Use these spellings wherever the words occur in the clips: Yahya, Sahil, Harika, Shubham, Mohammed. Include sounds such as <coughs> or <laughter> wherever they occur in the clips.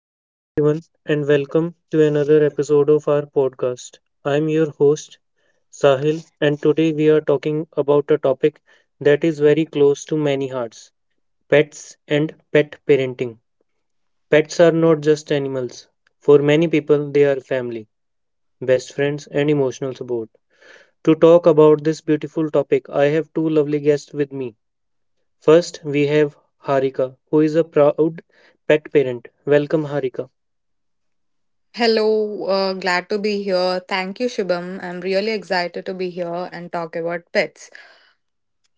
Hello, everyone, and welcome to another episode of our podcast. I'm your host, Sahil, and today we are talking about a topic that is very close to many hearts pets and pet parenting. Pets are not just animals, for many people, they are family, best friends, and emotional support. To talk about this beautiful topic, I have two lovely guests with me. First, we have Harika, who is a proud pet parent. Welcome, Harika. Hello, glad to be here. Thank you, Shubham. I'm really excited to be here and talk about pets.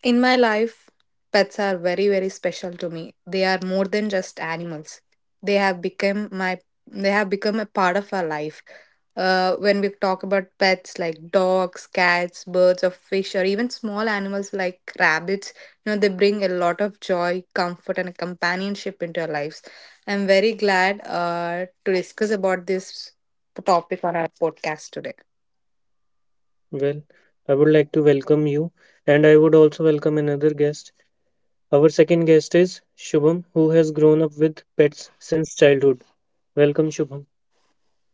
In my life, pets are very, very special to me. They are more than just animals. They have become my they have become a part of our life. When we talk about pets like dogs, cats, birds, or fish, or even small animals like rabbits, you know, they bring a lot of joy, comfort, and companionship into our lives. I'm very glad to discuss about this topic on our podcast today. Well, I would like to welcome you, and I would also welcome another guest. Our second guest is Shubham, who has grown up with pets since childhood. Welcome, Shubham.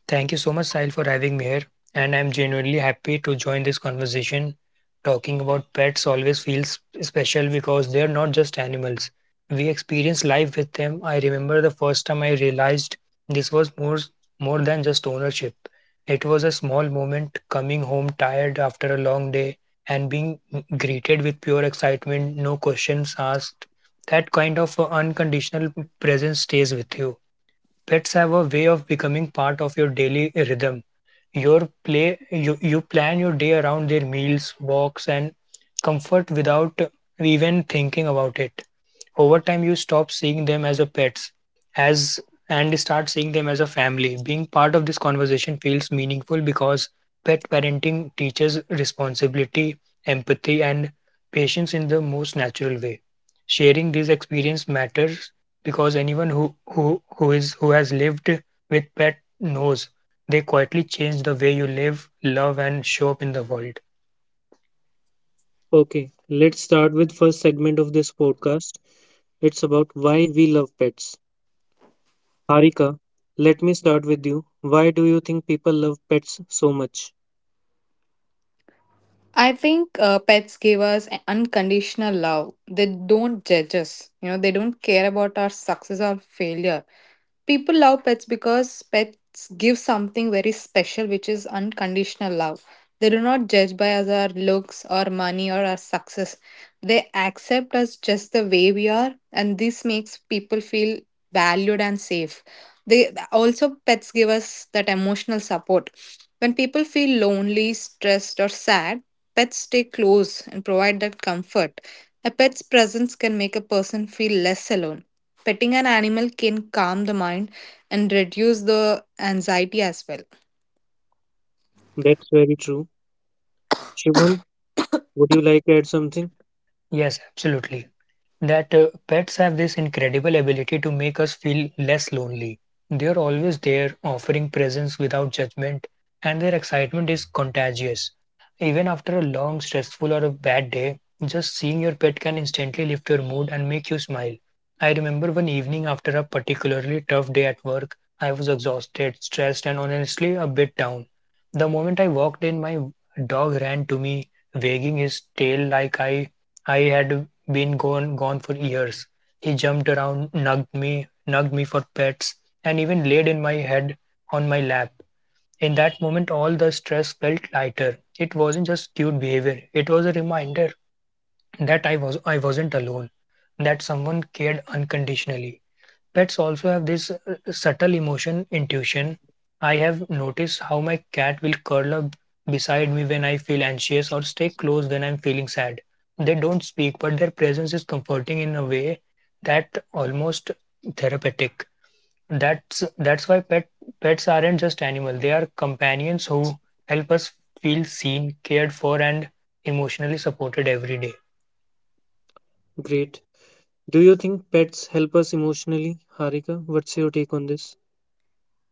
Thank you so much, Sahil, for having me here. And I'm genuinely happy to join this conversation. Talking about pets always feels special because they're not just animals. We experience life with them. I remember the first time I realized this was more than just ownership. It was a small moment coming home tired after a long day and being greeted with pure excitement, no questions asked. That kind of unconditional presence stays with you. Pets have a way of becoming part of your daily rhythm. You plan your day around their meals, walks and comfort without even thinking about it. Over time, you stop seeing them as a pets, as and start seeing them as a family. Being part of this conversation feels meaningful because pet parenting teaches responsibility, empathy, and patience in the most natural way. Sharing this experience matters because anyone who has lived with pet knows they quietly change the way you live, love, and show up in the world. Okay, let's start with first segment of this podcast. It's about why we love pets. Harika, let me start with you. Why do you think people love pets so much? I think pets give us an unconditional love. They don't judge us. You know, they don't care about our success or failure. People love pets because pets give something very special, which is unconditional love. They do not judge by us our looks, our money, or our success. They accept us just the way we are, and this makes people feel valued and safe. They also pets give us that emotional support. When people feel lonely, stressed, or sad, pets stay close and provide that comfort. A pet's presence can make a person feel less alone. Petting an animal can calm the mind and reduce the anxiety as well. That's very true. Shubham, would you like to add something? Yes, absolutely. That Pets have this incredible ability to make us feel less lonely. They are always there, offering presence without judgment, and their excitement is contagious. Even after a long, stressful, or a bad day, just seeing your pet can instantly lift your mood and make you smile. I remember one evening after a particularly tough day at work, I was exhausted, stressed, and honestly a bit down. The moment I walked in, my dog ran to me, wagging his tail like I had been gone for years. He jumped around, nugged me for pets, and even laid in my head on my lap. In that moment, all the stress felt lighter. It wasn't just cute behavior; it was a reminder that I wasn't alone, that someone cared unconditionally. Pets also have this subtle emotion intuition. I have noticed how my cat will curl up beside me when I feel anxious or stay close when I'm feeling sad. They don't speak, but their presence is comforting in a way that almost therapeutic. That's why pets aren't just animals. They are companions who help us feel seen, cared for, and emotionally supported every day. Great. Do you think pets help us emotionally? Harika, what's your take on this?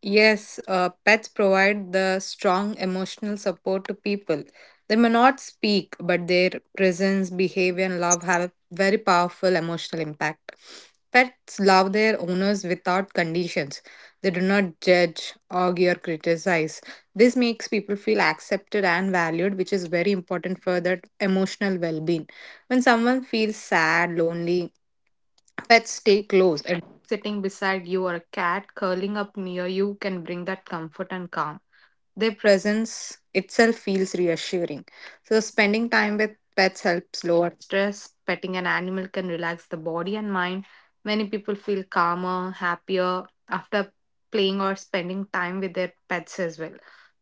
Yes, pets provide the strong emotional support to people. They may not speak, but their presence, behavior, and love have a very powerful emotional impact. Pets love their owners without conditions. They do not judge, argue, or criticize. This makes people feel accepted and valued, which is very important for their emotional well being. When someone feels sad, lonely, pets stay close, and sitting beside you or a cat curling up near you can bring that comfort and calm. Their presence itself feels reassuring. So, spending time with pets helps lower stress. Petting an animal can relax the body and mind. Many people feel calmer, happier after playing or spending time with their pets as well.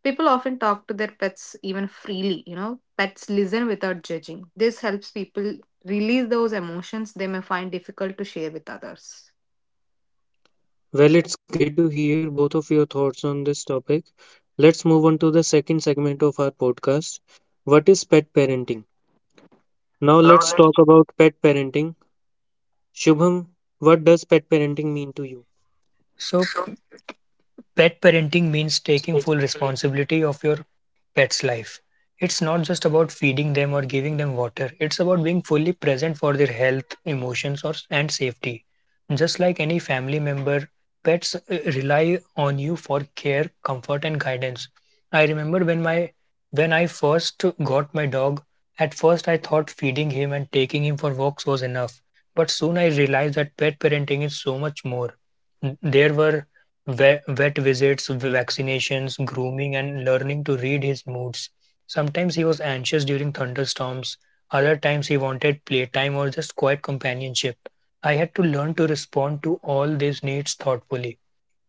People often talk to their pets even freely, you know, pets listen without judging. This helps people release those emotions they may find difficult to share with others. Well, it's great to hear both of your thoughts on this topic. Let's move on to the second segment of our podcast. What is pet parenting? Now, let's talk about pet parenting. Shubham, what does pet parenting mean to you? So pet parenting means taking full responsibility of your pets' life. It's not just about feeding them or giving them water, it's about being fully present for their health, emotions, and safety. Just like any family member, pets rely on you for care, comfort, and guidance. I remember when I first got my dog, at first I thought feeding him and taking him for walks was enough. But soon I realized that pet parenting is so much more. There were vet visits, vaccinations, grooming, and learning to read his moods. Sometimes he was anxious during thunderstorms, other times he wanted playtime or just quiet companionship. I had to learn to respond to all these needs thoughtfully.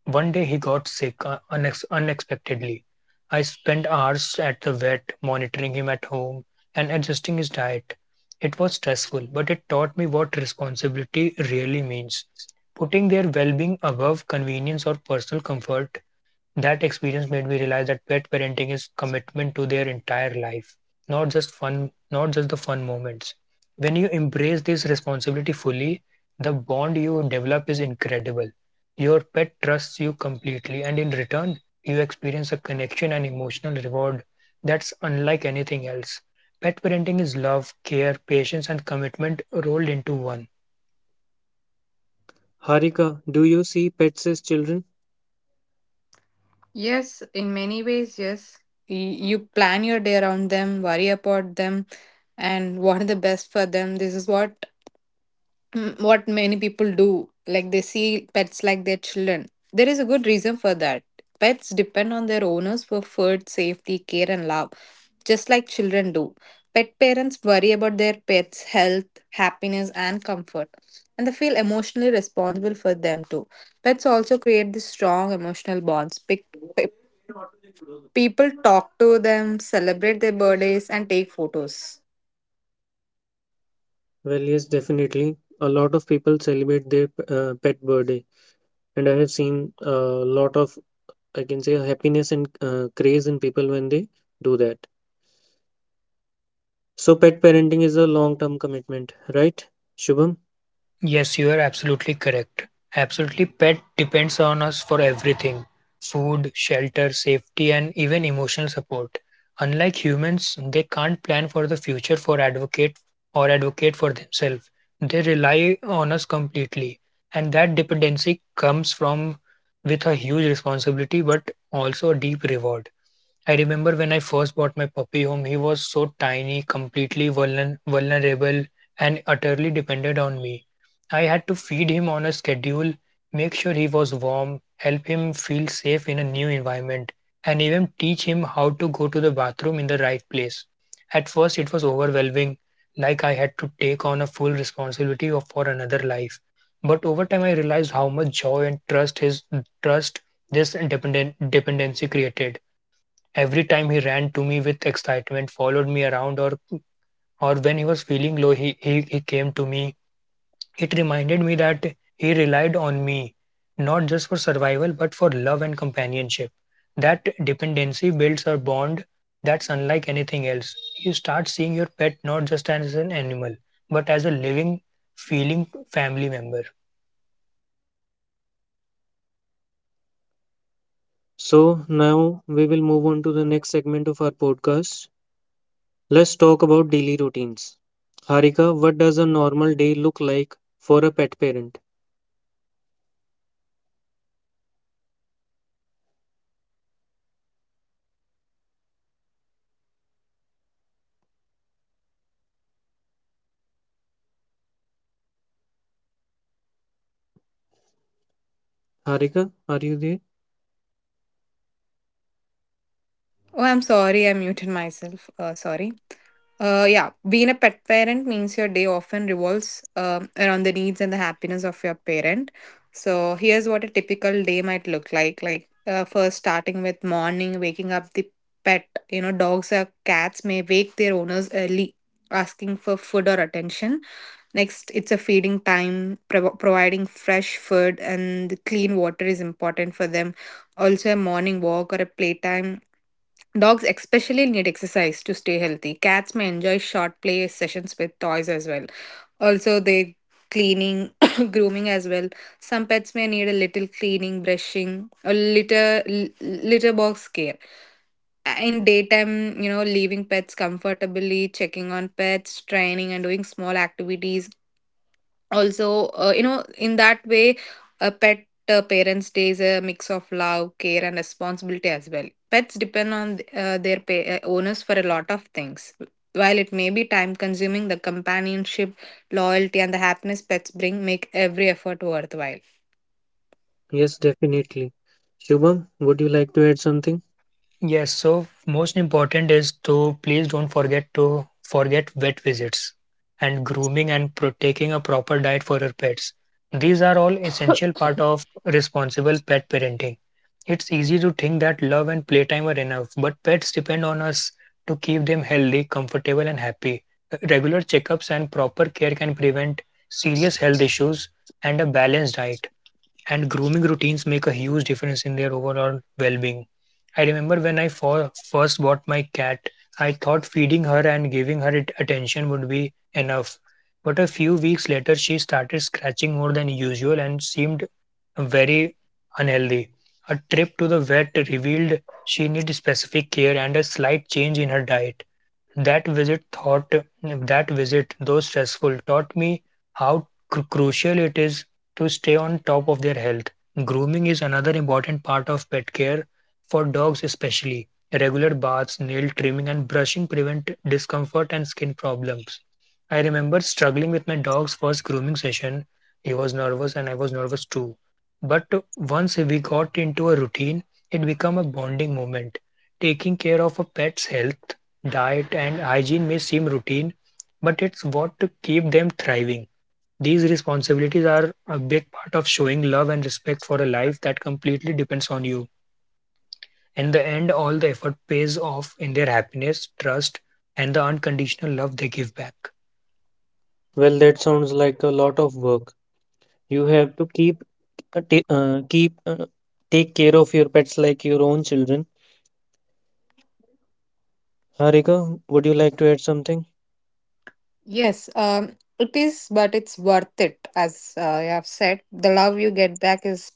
One day he got sick unexpectedly. I spent hours at the vet, monitoring him at home and adjusting his diet. It was stressful, but it taught me what responsibility really means. Putting their well being above convenience or personal comfort, that experience made me realize that pet parenting is commitment to their entire life, not just the fun moments. When you embrace this responsibility fully, the bond you develop is incredible. Your pet trusts you completely, and in return, you experience a connection and emotional reward that's unlike anything else. Pet parenting is love, care, patience, and commitment rolled into one. Harika, do you see pets as children? Yes, in many ways, yes. You plan your day around them, worry about them, and what are the best for them. This is what what many people do. Like they see pets like their children. There is a good reason for that. Pets depend on their owners for food, safety, care, and love, just like children do. Pet parents worry about their pets' health, happiness, and comfort, and they feel emotionally responsible for them too. Pets also create these strong emotional bonds. People talk to them, celebrate their birthdays, and take photos. Well, yes, definitely. A lot of people celebrate their pet birthday, and I have seen a lot of, I can say, happiness and craze in people when they do that. So, pet parenting is a long term commitment, right, Shubham? Yes, you are absolutely correct. Absolutely, pet depends on us for everything: food, shelter, safety, and even emotional support. Unlike humans, they can't plan for the future, for advocate or advocate for themselves. They rely on us completely. And that dependency comes from with a huge responsibility but also a deep reward. I remember when I first bought my puppy home, he was so tiny, completely vulnerable, and utterly dependent on me. I had to feed him on a schedule, make sure he was warm, help him feel safe in a new environment, and even teach him how to go to the bathroom in the right place. At first, it was overwhelming, like I had to take on a full responsibility for another life. But over time, I realized how much joy and trust this dependency created. Every time he ran to me with excitement, followed me around, or when he was feeling low, he came to me. It reminded me that he relied on me, not just for survival, but for love and companionship. That dependency builds a bond that's unlike anything else. You start seeing your pet not just as an animal, but as a living, feeling family member. So now we will move on to the next segment of our podcast. Let's talk about daily routines. Harika, what does a normal day look like for a pet parent? Harika, are you there? Oh, I'm sorry, I muted myself. Sorry. Yeah, being a pet parent means your day often revolves around the needs and the happiness of your parent. So here's what a typical day might look like. Like first, starting with morning, waking up the pet. You know, dogs or cats may wake their owners early, asking for food or attention. Next, it's a feeding time. Providing fresh food and clean water is important for them. Also, a morning walk or a playtime. Dogs especially need exercise to stay healthy. Cats may enjoy short play sessions with toys as well. Also, they cleaning, <coughs> grooming as well. Some pets may need a little cleaning, brushing, a litter box care. In daytime, you know, leaving pets comfortably, checking on pets, training and doing small activities, also you know, in that way a pet parents day is a mix of love, care, and responsibility as well. Pets depend on their owners for a lot of things. While it may be time consuming, the companionship, loyalty, and the happiness pets bring make every effort worthwhile. Yes, definitely. Shubham, would you like to add something? Yes, so most important is to please don't forget to forget vet visits and grooming and taking a proper diet for your pets. These are all essential part of responsible pet parenting. It's easy to think that love and playtime are enough, but pets depend on us to keep them healthy, comfortable and happy. Regular checkups and proper care can prevent serious health issues, and a balanced diet and grooming routines make a huge difference in their overall well-being. I remember when I first bought my cat, I thought feeding her and giving her it attention would be enough. But a few weeks later, she started scratching more than usual and seemed very unhealthy. A trip to the vet revealed she needed specific care and a slight change in her diet. That visit thought that visit, though stressful, taught me how crucial it is to stay on top of their health. Grooming is another important part of pet care for dogs, especially. Regular baths, nail trimming, and brushing prevent discomfort and skin problems. I remember struggling with my dog's first grooming session. He was nervous and I was nervous too. But once we got into a routine, it became a bonding moment. Taking care of a pet's health, diet and hygiene may seem routine, but it's what to keep them thriving. These responsibilities are a big part of showing love and respect for a life that completely depends on you. In the end, all the effort pays off in their happiness, trust, and the unconditional love they give back. Well, that sounds like a lot of work. You have to keep ta- keep take care of your pets like your own children. Harika, would you like to add something? Yes, it is, but it's worth it. As I have said, the love you get back is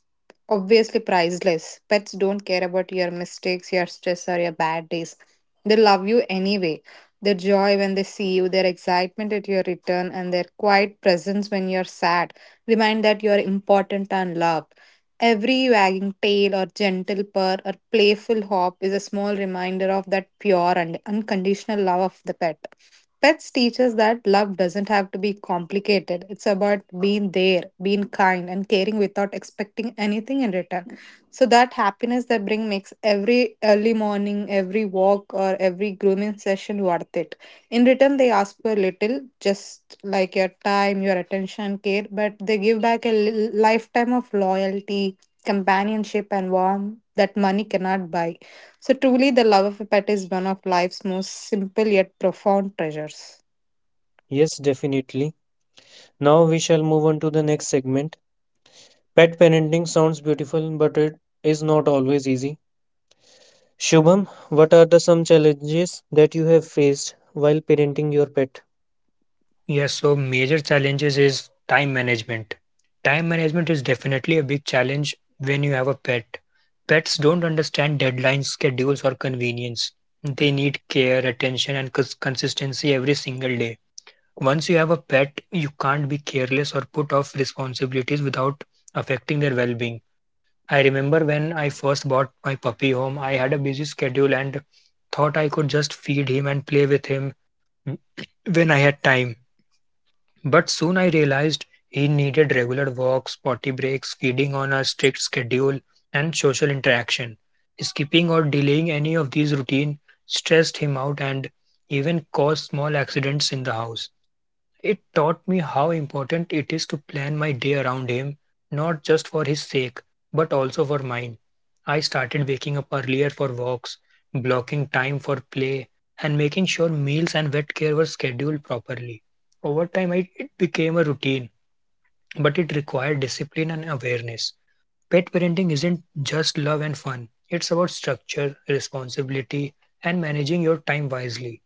obviously priceless. Pets don't care about your mistakes, your stress, or your bad days. They love you anyway. Their joy when they see you, their excitement at your return, and their quiet presence when you're sad remind that you are important and loved. Every wagging tail or gentle purr or playful hop is a small reminder of that pure and unconditional love of the pet. Pets teach us that love doesn't have to be complicated. It's about being there, being kind, and caring without expecting anything in return. So that happiness they bring makes every early morning, every walk, or every grooming session worth it. In return, they ask for little, just like your time, your attention, care, but they give back a lifetime of loyalty, companionship, and warmth that money cannot buy. So, truly, the love of a pet is one of life's most simple yet profound treasures. Yes, definitely. Now we shall move on to the next segment. Pet parenting sounds beautiful, but it is not always easy. Shubham, what are the some challenges that you have faced while parenting your pet? Yes, so major challenges is time management. Time management is definitely a big challenge when you have a pet. Pets don't understand deadlines, schedules, or convenience. They need care, attention, and consistency every single day. Once you have a pet, you can't be careless or put off responsibilities without affecting their well being. I remember when I first bought my puppy home, I had a busy schedule and thought I could just feed him and play with him mm, when I had time. But soon I realized he needed regular walks, potty breaks, feeding on a strict schedule, and social interaction. Skipping or delaying any of these routine stressed him out and even caused small accidents in the house. It taught me how important it is to plan my day around him, not just for his sake, but also for mine. I started waking up earlier for walks, blocking time for play, and making sure meals and vet care were scheduled properly. Over time, it became a routine, but it required discipline and awareness. Pet parenting isn't just love and fun, it's about structure, responsibility, and managing your time wisely.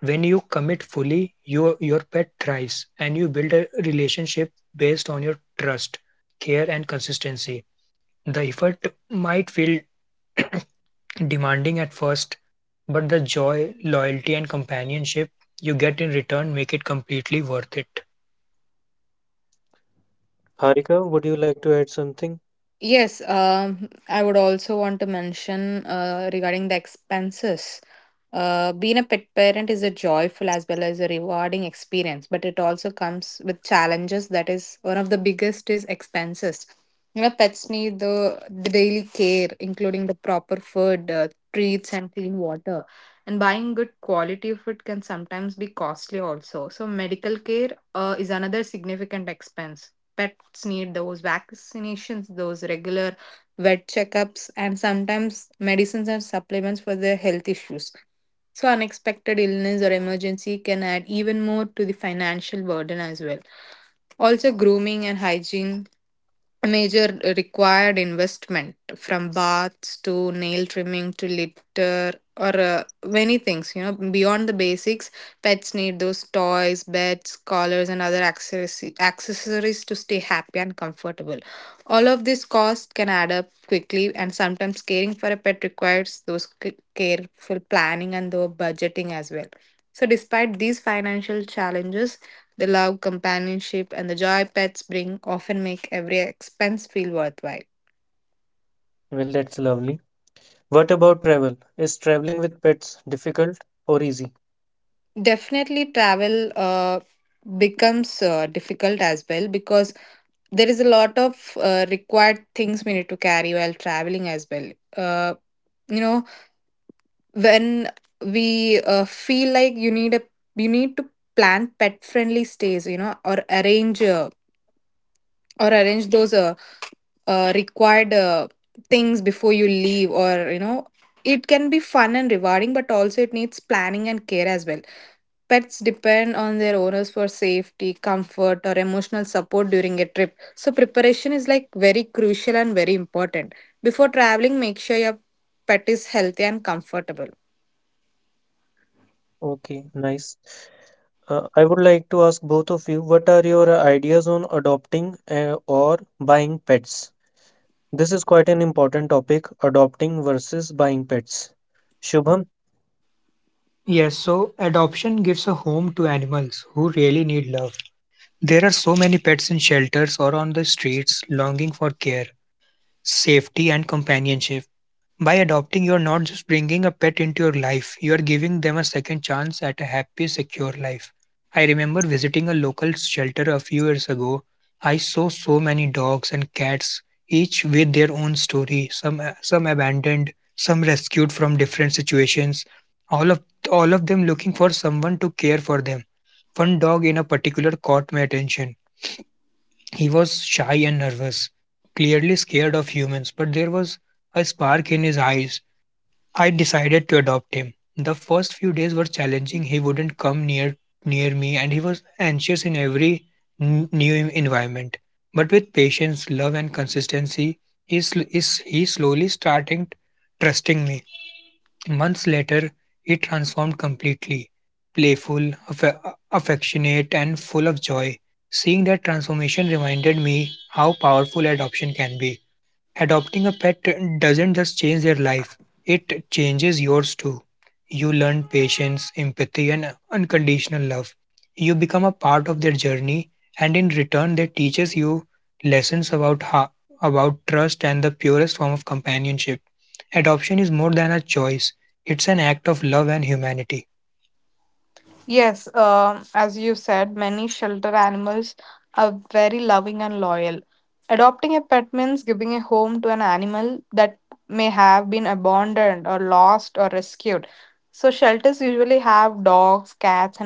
When you commit fully, your pet thrives and you build a relationship based on your trust, care, and consistency. The effort might feel demanding at first, but the joy, loyalty, and companionship you get in return make it completely worth it. Harika, would you like to add something? Yes, I would also want to mention regarding the expenses. Being a pet parent is a joyful as well as a rewarding experience, but it also comes with challenges. That is one of the biggest is expenses. You know, pets need the daily care, including the proper food, treats, and clean water. And buying good quality food can sometimes be costly also. So medical care is another significant expense. Pets need those vaccinations, those regular vet checkups, and sometimes medicines and supplements for their health issues. So, unexpected illness or emergency can add even more to the financial burden as well. Also, grooming and hygiene major required investment, from baths to nail trimming to litter, or many things. You know, beyond the basics, pets need those toys, beds, collars, and other accessories to stay happy and comfortable. All of this cost can add up quickly, and sometimes caring for a pet requires those careful planning and the budgeting as well. So despite these financial challenges, the love, companionship, and the joy pets bring often make every expense feel worthwhile. Well, that's lovely. What about travel? Is traveling with pets difficult or easy? Definitely, travel becomes difficult as well, because there is a lot of required things we need to carry while traveling as well. Uh, you know, when we feel like you need to plan pet friendly stays, you know, or arrange those required things before you leave, or you know, it can be fun and rewarding, but also it needs planning and care as well. Pets depend on their owners for safety, comfort, or emotional support during a trip, so preparation is like very crucial and very important. Before traveling, make sure your pet is healthy and comfortable. Okay, nice. I would like to ask both of you, what are your ideas on adopting or buying pets? This is quite an important topic, adopting versus buying pets. Shubham, Yes, so adoption gives a home to animals who really need love. There are so many pets in shelters or on the streets longing for care, safety, and companionship. By adopting, you're not just bringing a pet into your life, you are giving them a second chance at a happy, secure life. I remember visiting a local shelter a few years ago. I saw so many dogs and cats, each with their own story, some abandoned, some rescued from different situations, all of all of them looking for someone to care for them. One dog in a particular caught my attention. He was shy and nervous, clearly scared of humans, but there was a spark in his eyes. I decided to adopt him. The first few days were challenging. He wouldn't come near me and he was anxious in every new environment. But with patience, love and consistency, he slowly starting trusting me. Months later, he transformed completely. Playful, affectionate and full of joy. Seeing that transformation reminded me how powerful adoption can be. Adopting a pet doesn't just change their life, it changes yours too. You learn patience, empathy, and unconditional love. You become a part of their journey, and in return, they teaches you lessons about trust and the purest form of companionship. Adoption is more than a choice; it's an act of love and humanity. Yes, as you said, many shelter animals are very loving and loyal. Adopting a pet means giving a home to an animal that may have been abandoned or lost or rescued. So, shelters usually have dogs, cats, and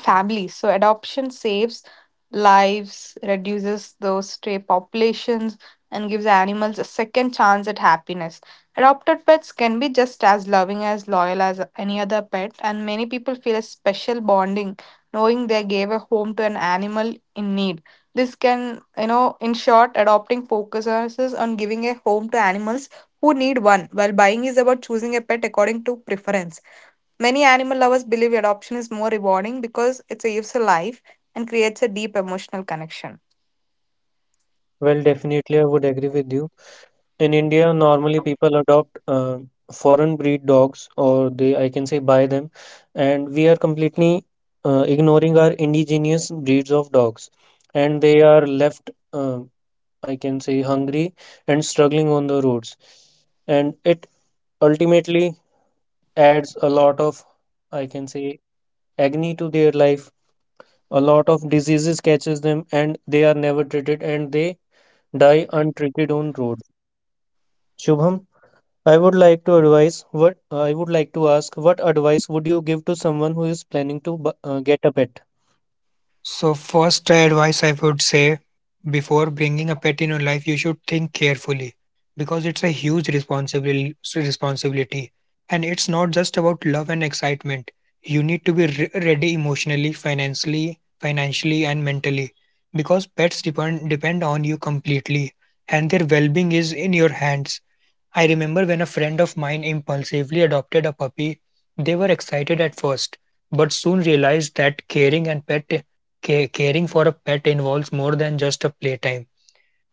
Families. So adoption saves lives, reduces those stray populations, and gives animals a second chance at happiness. Adopted pets can be just as loving as loyal as any other pet, and many people feel a special bonding knowing they gave a home to an animal in need. This can, you know, In short, adopting focuses on giving a home to animals who need one, while buying is about choosing a pet according to preference. Many animal lovers believe adoption is more rewarding because it saves a life and creates a deep emotional connection. well, definitely, I would agree with you. In India, normally people adopt foreign breed dogs, or they, I can say, buy them, and we are completely ignoring our indigenous breeds of dogs, and they are left, I can say, hungry and struggling on the roads, and it ultimately adds a lot of, I can say, agony to their life. A lot of diseases catches them, and they are never treated, and they die untreated on road. Shubham, I would like to ask what advice would you give to someone who is planning to get a pet? So, first advice I would say before bringing a pet in your life, you should think carefully because it's a huge responsibility. And it's not just about love and excitement. You need to be ready emotionally, financially, and mentally because pets depend on you completely and their well being is in your hands. I remember when a friend of mine impulsively adopted a puppy, they were excited at first, but soon realized that caring for a pet involves more than just a playtime.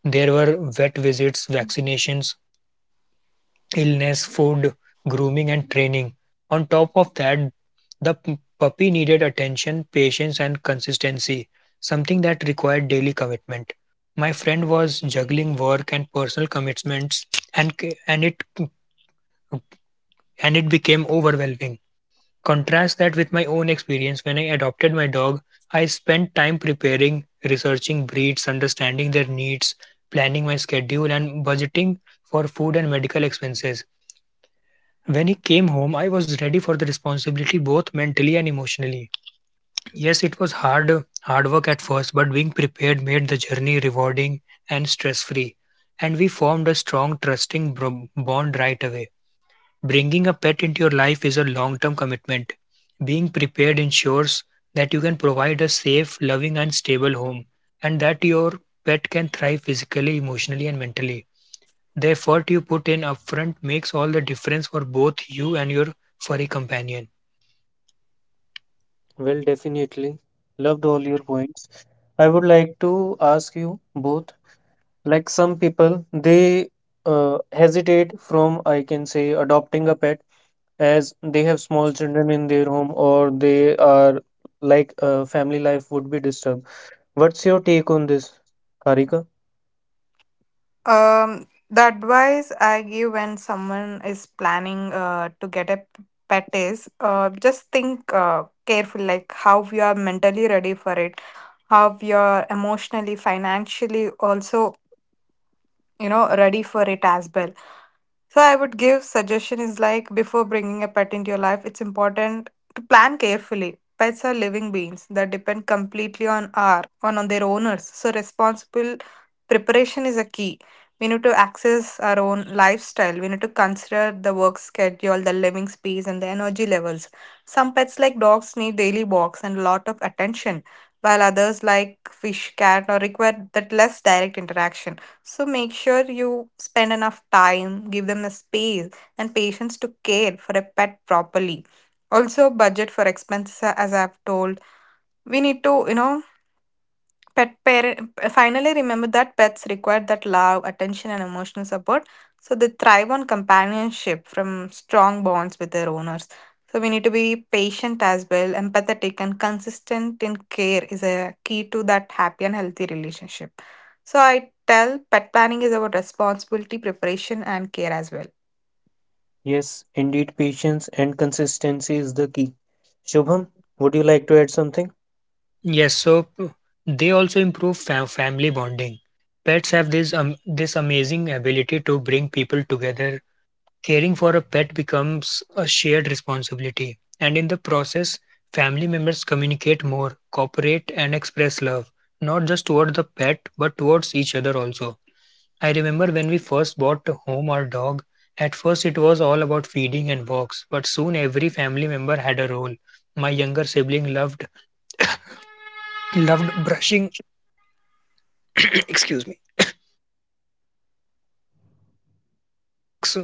There were vet visits, vaccinations, illness, food, grooming and training. On top of that, the puppy needed attention, patience and consistency, something that required daily commitment. My friend was juggling work and personal commitments and c- and it and it became overwhelming. Contrast that with my own experience when I adopted my dog, I spent time preparing, researching breeds, understanding their needs, planning my schedule, and budgeting for food and medical expenses. When he came home, I was ready for the responsibility both mentally and emotionally. Yes, it was hard work at first, but being prepared made the journey rewarding and stress-free. And we formed a strong, trusting bond right away. Bringing a pet into your life is a long term commitment. Being prepared ensures that you can provide a safe, loving, and stable home, and that your pet can thrive physically, emotionally, and mentally. The effort you put in upfront makes all the difference for both you and your furry companion. Well, definitely. Loved all your points. I would like to ask you both, like some people, they hesitate from, I can say, adopting a pet as they have small children in their home or they are like family life would be disturbed. What's your take on this, Karika? The advice I give when someone is planning to get a pet is just think careful, like how you are mentally ready for it, how you are emotionally, financially, also you know ready for it as well. So I would give suggestion is like before bringing a pet into your life, it's important to plan carefully. Pets are living beings that depend completely on on their owners, so responsible preparation is a key. We need to access our own lifestyle, we need to consider the work schedule, the living space and the energy levels. Some pets like dogs need daily walks and a lot of attention, while others like fish cat or require that less direct interaction. So make sure you spend enough time, give them the space and patience to care for a pet properly. Also budget for expenses as I've told. We need to, you know, pet parent finally remember that pets require that love, attention, and emotional support. So they thrive on companionship from strong bonds with their owners. So we need to be patient as well, empathetic, and consistent in care is a key to that happy and healthy relationship. So I tell pet planning is about responsibility, preparation, and care as well. Yes, indeed, patience and consistency is the key. Shubham, would you like to add something? Yes, so they also improve family bonding. Pets have this amazing ability to bring people together. Caring for a pet becomes a shared responsibility, and in the process, family members communicate more, cooperate, and express love, not just toward the pet, but towards each other also. I remember when we first bought a home or dog, at first it was all about feeding and walks, but soon every family member had a role. My younger sibling loved brushing <coughs> excuse me <coughs> ex-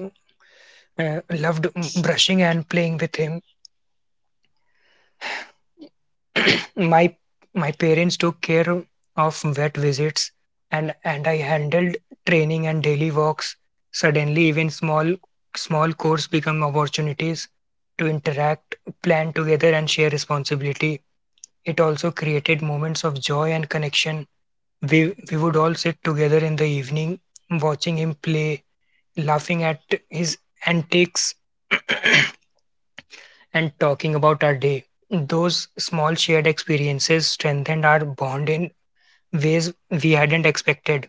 loved brushing and playing with him <coughs> <clears throat> my my parents took care of vet visits and I handled training and daily walks. Suddenly even small chores become opportunities to interact, plan together and share responsibility. It also created moments of joy and connection. We we would all sit together in the evening watching him play, laughing at his antics and talking about our day. Those small shared experiences strengthened our bond in ways we hadn't expected.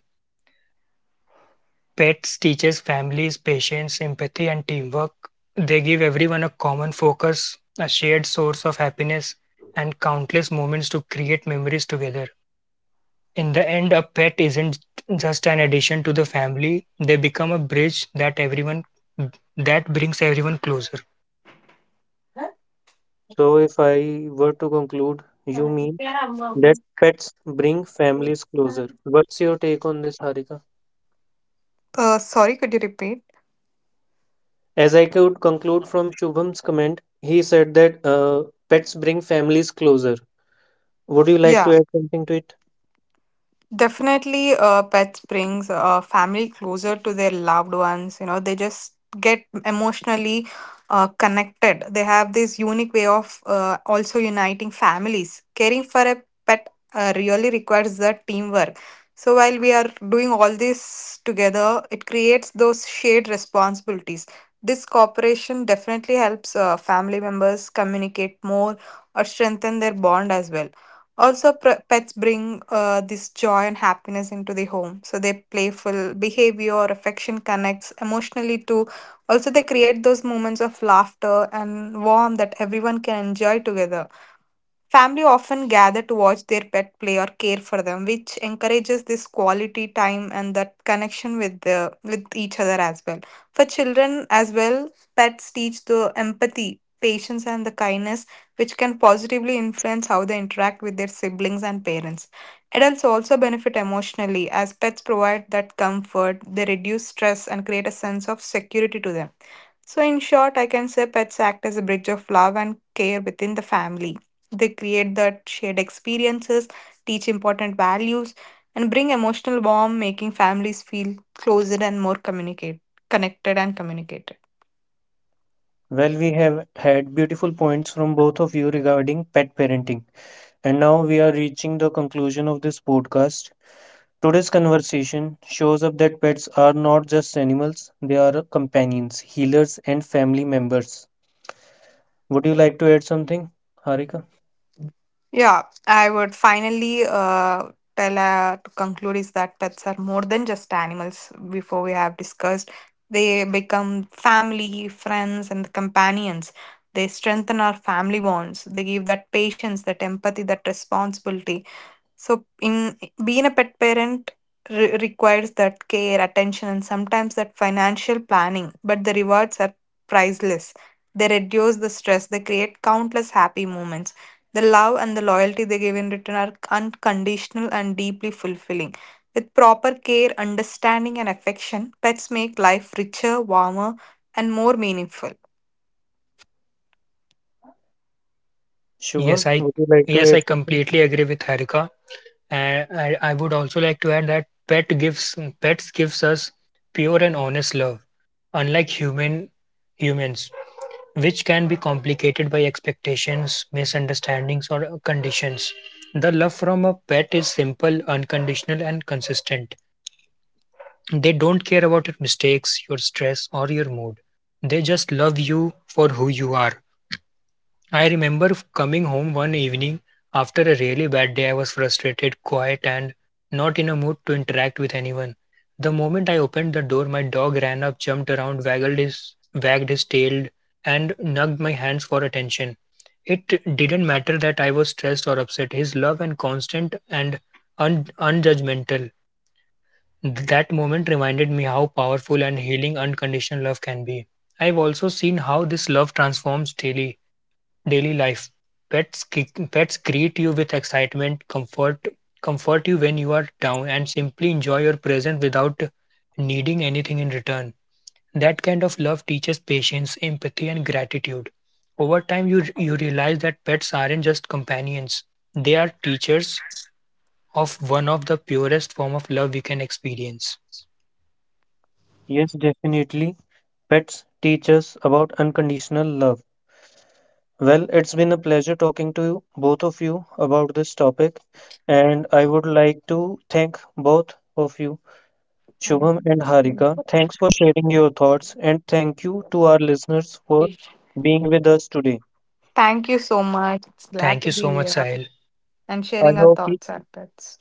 Pets teaches families patience, empathy, and teamwork. They give everyone a common focus, a shared source of happiness, and countless moments to create memories together. In the end, a pet isn't just an addition to the family, they become a bridge that everyone that brings everyone closer. So, if I were to conclude, you mean that pets bring families closer. What's your take on this, Harika? Sorry, could you repeat? As I could conclude from Shubham's comment, he said that pets bring families closer. Would you like Yeah. to add something to it? Definitely, pets brings family closer to their loved ones. You know, they just get emotionally connected. They have this unique way of also uniting families. Caring for a pet really requires the teamwork. So while we are doing all this together, it creates those shared responsibilities. This cooperation definitely helps family members communicate more or strengthen their bond as well. Also, pets bring this joy and happiness into the home. So their playful behavior, affection connects emotionally too. Also, they create those moments of laughter and warmth that everyone can enjoy together. Family often gather to watch their pet play or care for them, which encourages this quality time and that connection with the with each other as well. For children as well, pets teach the empathy, patience, and the kindness, which can positively influence how they interact with their siblings and parents. Adults also benefit emotionally as pets provide that comfort, they reduce stress and create a sense of security to them. So, in short, I can say pets act as a bridge of love and care within the family. They create that shared experiences, teach important values, and bring emotional warmth, making families feel closer and more communicate, connected and communicated. Well, we have had beautiful points from both of you regarding pet parenting. And now we are reaching the conclusion of this podcast. Today's conversation shows up that pets are not just animals, they are companions, healers, and family members. Would you like to add something, Harika? Yeah, I would finally tell to conclude is that pets are more than just animals. Before we have discussed, they become family, friends, and companions. They strengthen our family bonds. They give that patience, that empathy, that responsibility. So, in being a pet parent requires that care, attention, and sometimes that financial planning, but the rewards are priceless. They reduce the stress, they create countless happy moments. The love and the loyalty they give in return are unconditional and deeply fulfilling. With proper care, understanding, and affection, pets make life richer, warmer, and more meaningful. Yes, Shubham, I would you like to yes, I add something? completely agree with Harika. And I would also like to add that pet gives pets gives us pure and honest love, unlike humans, which can be complicated by expectations, misunderstandings, or conditions. The love from a pet is simple, unconditional, and consistent. They don't care about your mistakes, your stress, or your mood. They just love you for who you are. I remember coming home one evening after a really bad day. I was frustrated, quiet, and not in a mood to interact with anyone. The moment I opened the door, my dog ran up, jumped around, wagged his tail, and nugged my hands for attention. It didn't matter that I was stressed or upset. His love and constant and unjudgmental. That moment reminded me how powerful and healing unconditional love can be. I've also seen how this love transforms daily life. Pets greet you with excitement, comfort you when you are down, and simply enjoy your presence without needing anything in return. That kind of love teaches patience, empathy, and gratitude. Over time, you realize that pets aren't just companions; they are teachers of one of the purest form of love we can experience. Yes, definitely. Pets teach us about unconditional love. Well, it's been a pleasure talking to you, both of you about this topic, and I would like to thank both of you Shubham and Harika. Thanks for sharing your thoughts, and thank you to our listeners for being with us today. Thank you so much. It's Thank glad to you so be much, here Sahil. and I sharing our hope the thoughts on pets.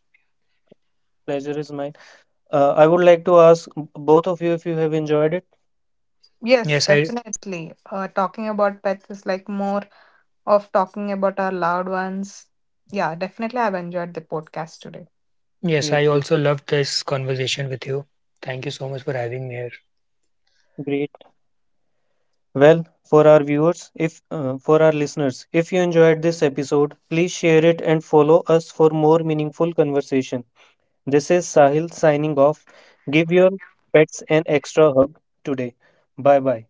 pleasure is mine. I would like to ask both of you if you have enjoyed it. Yes, Yes, I definitely. Talking about pets is like more of talking about our loved ones. Yeah, definitely. I've enjoyed the podcast today. yes Yes, I yes, also loved this conversation with you. Thank you so much for having me here. great. Well, for our viewers, if for our listeners, if you enjoyed this episode, please share it and follow us for more meaningful conversation. This is Sahil signing off. Give your pets an extra hug today. Bye bye.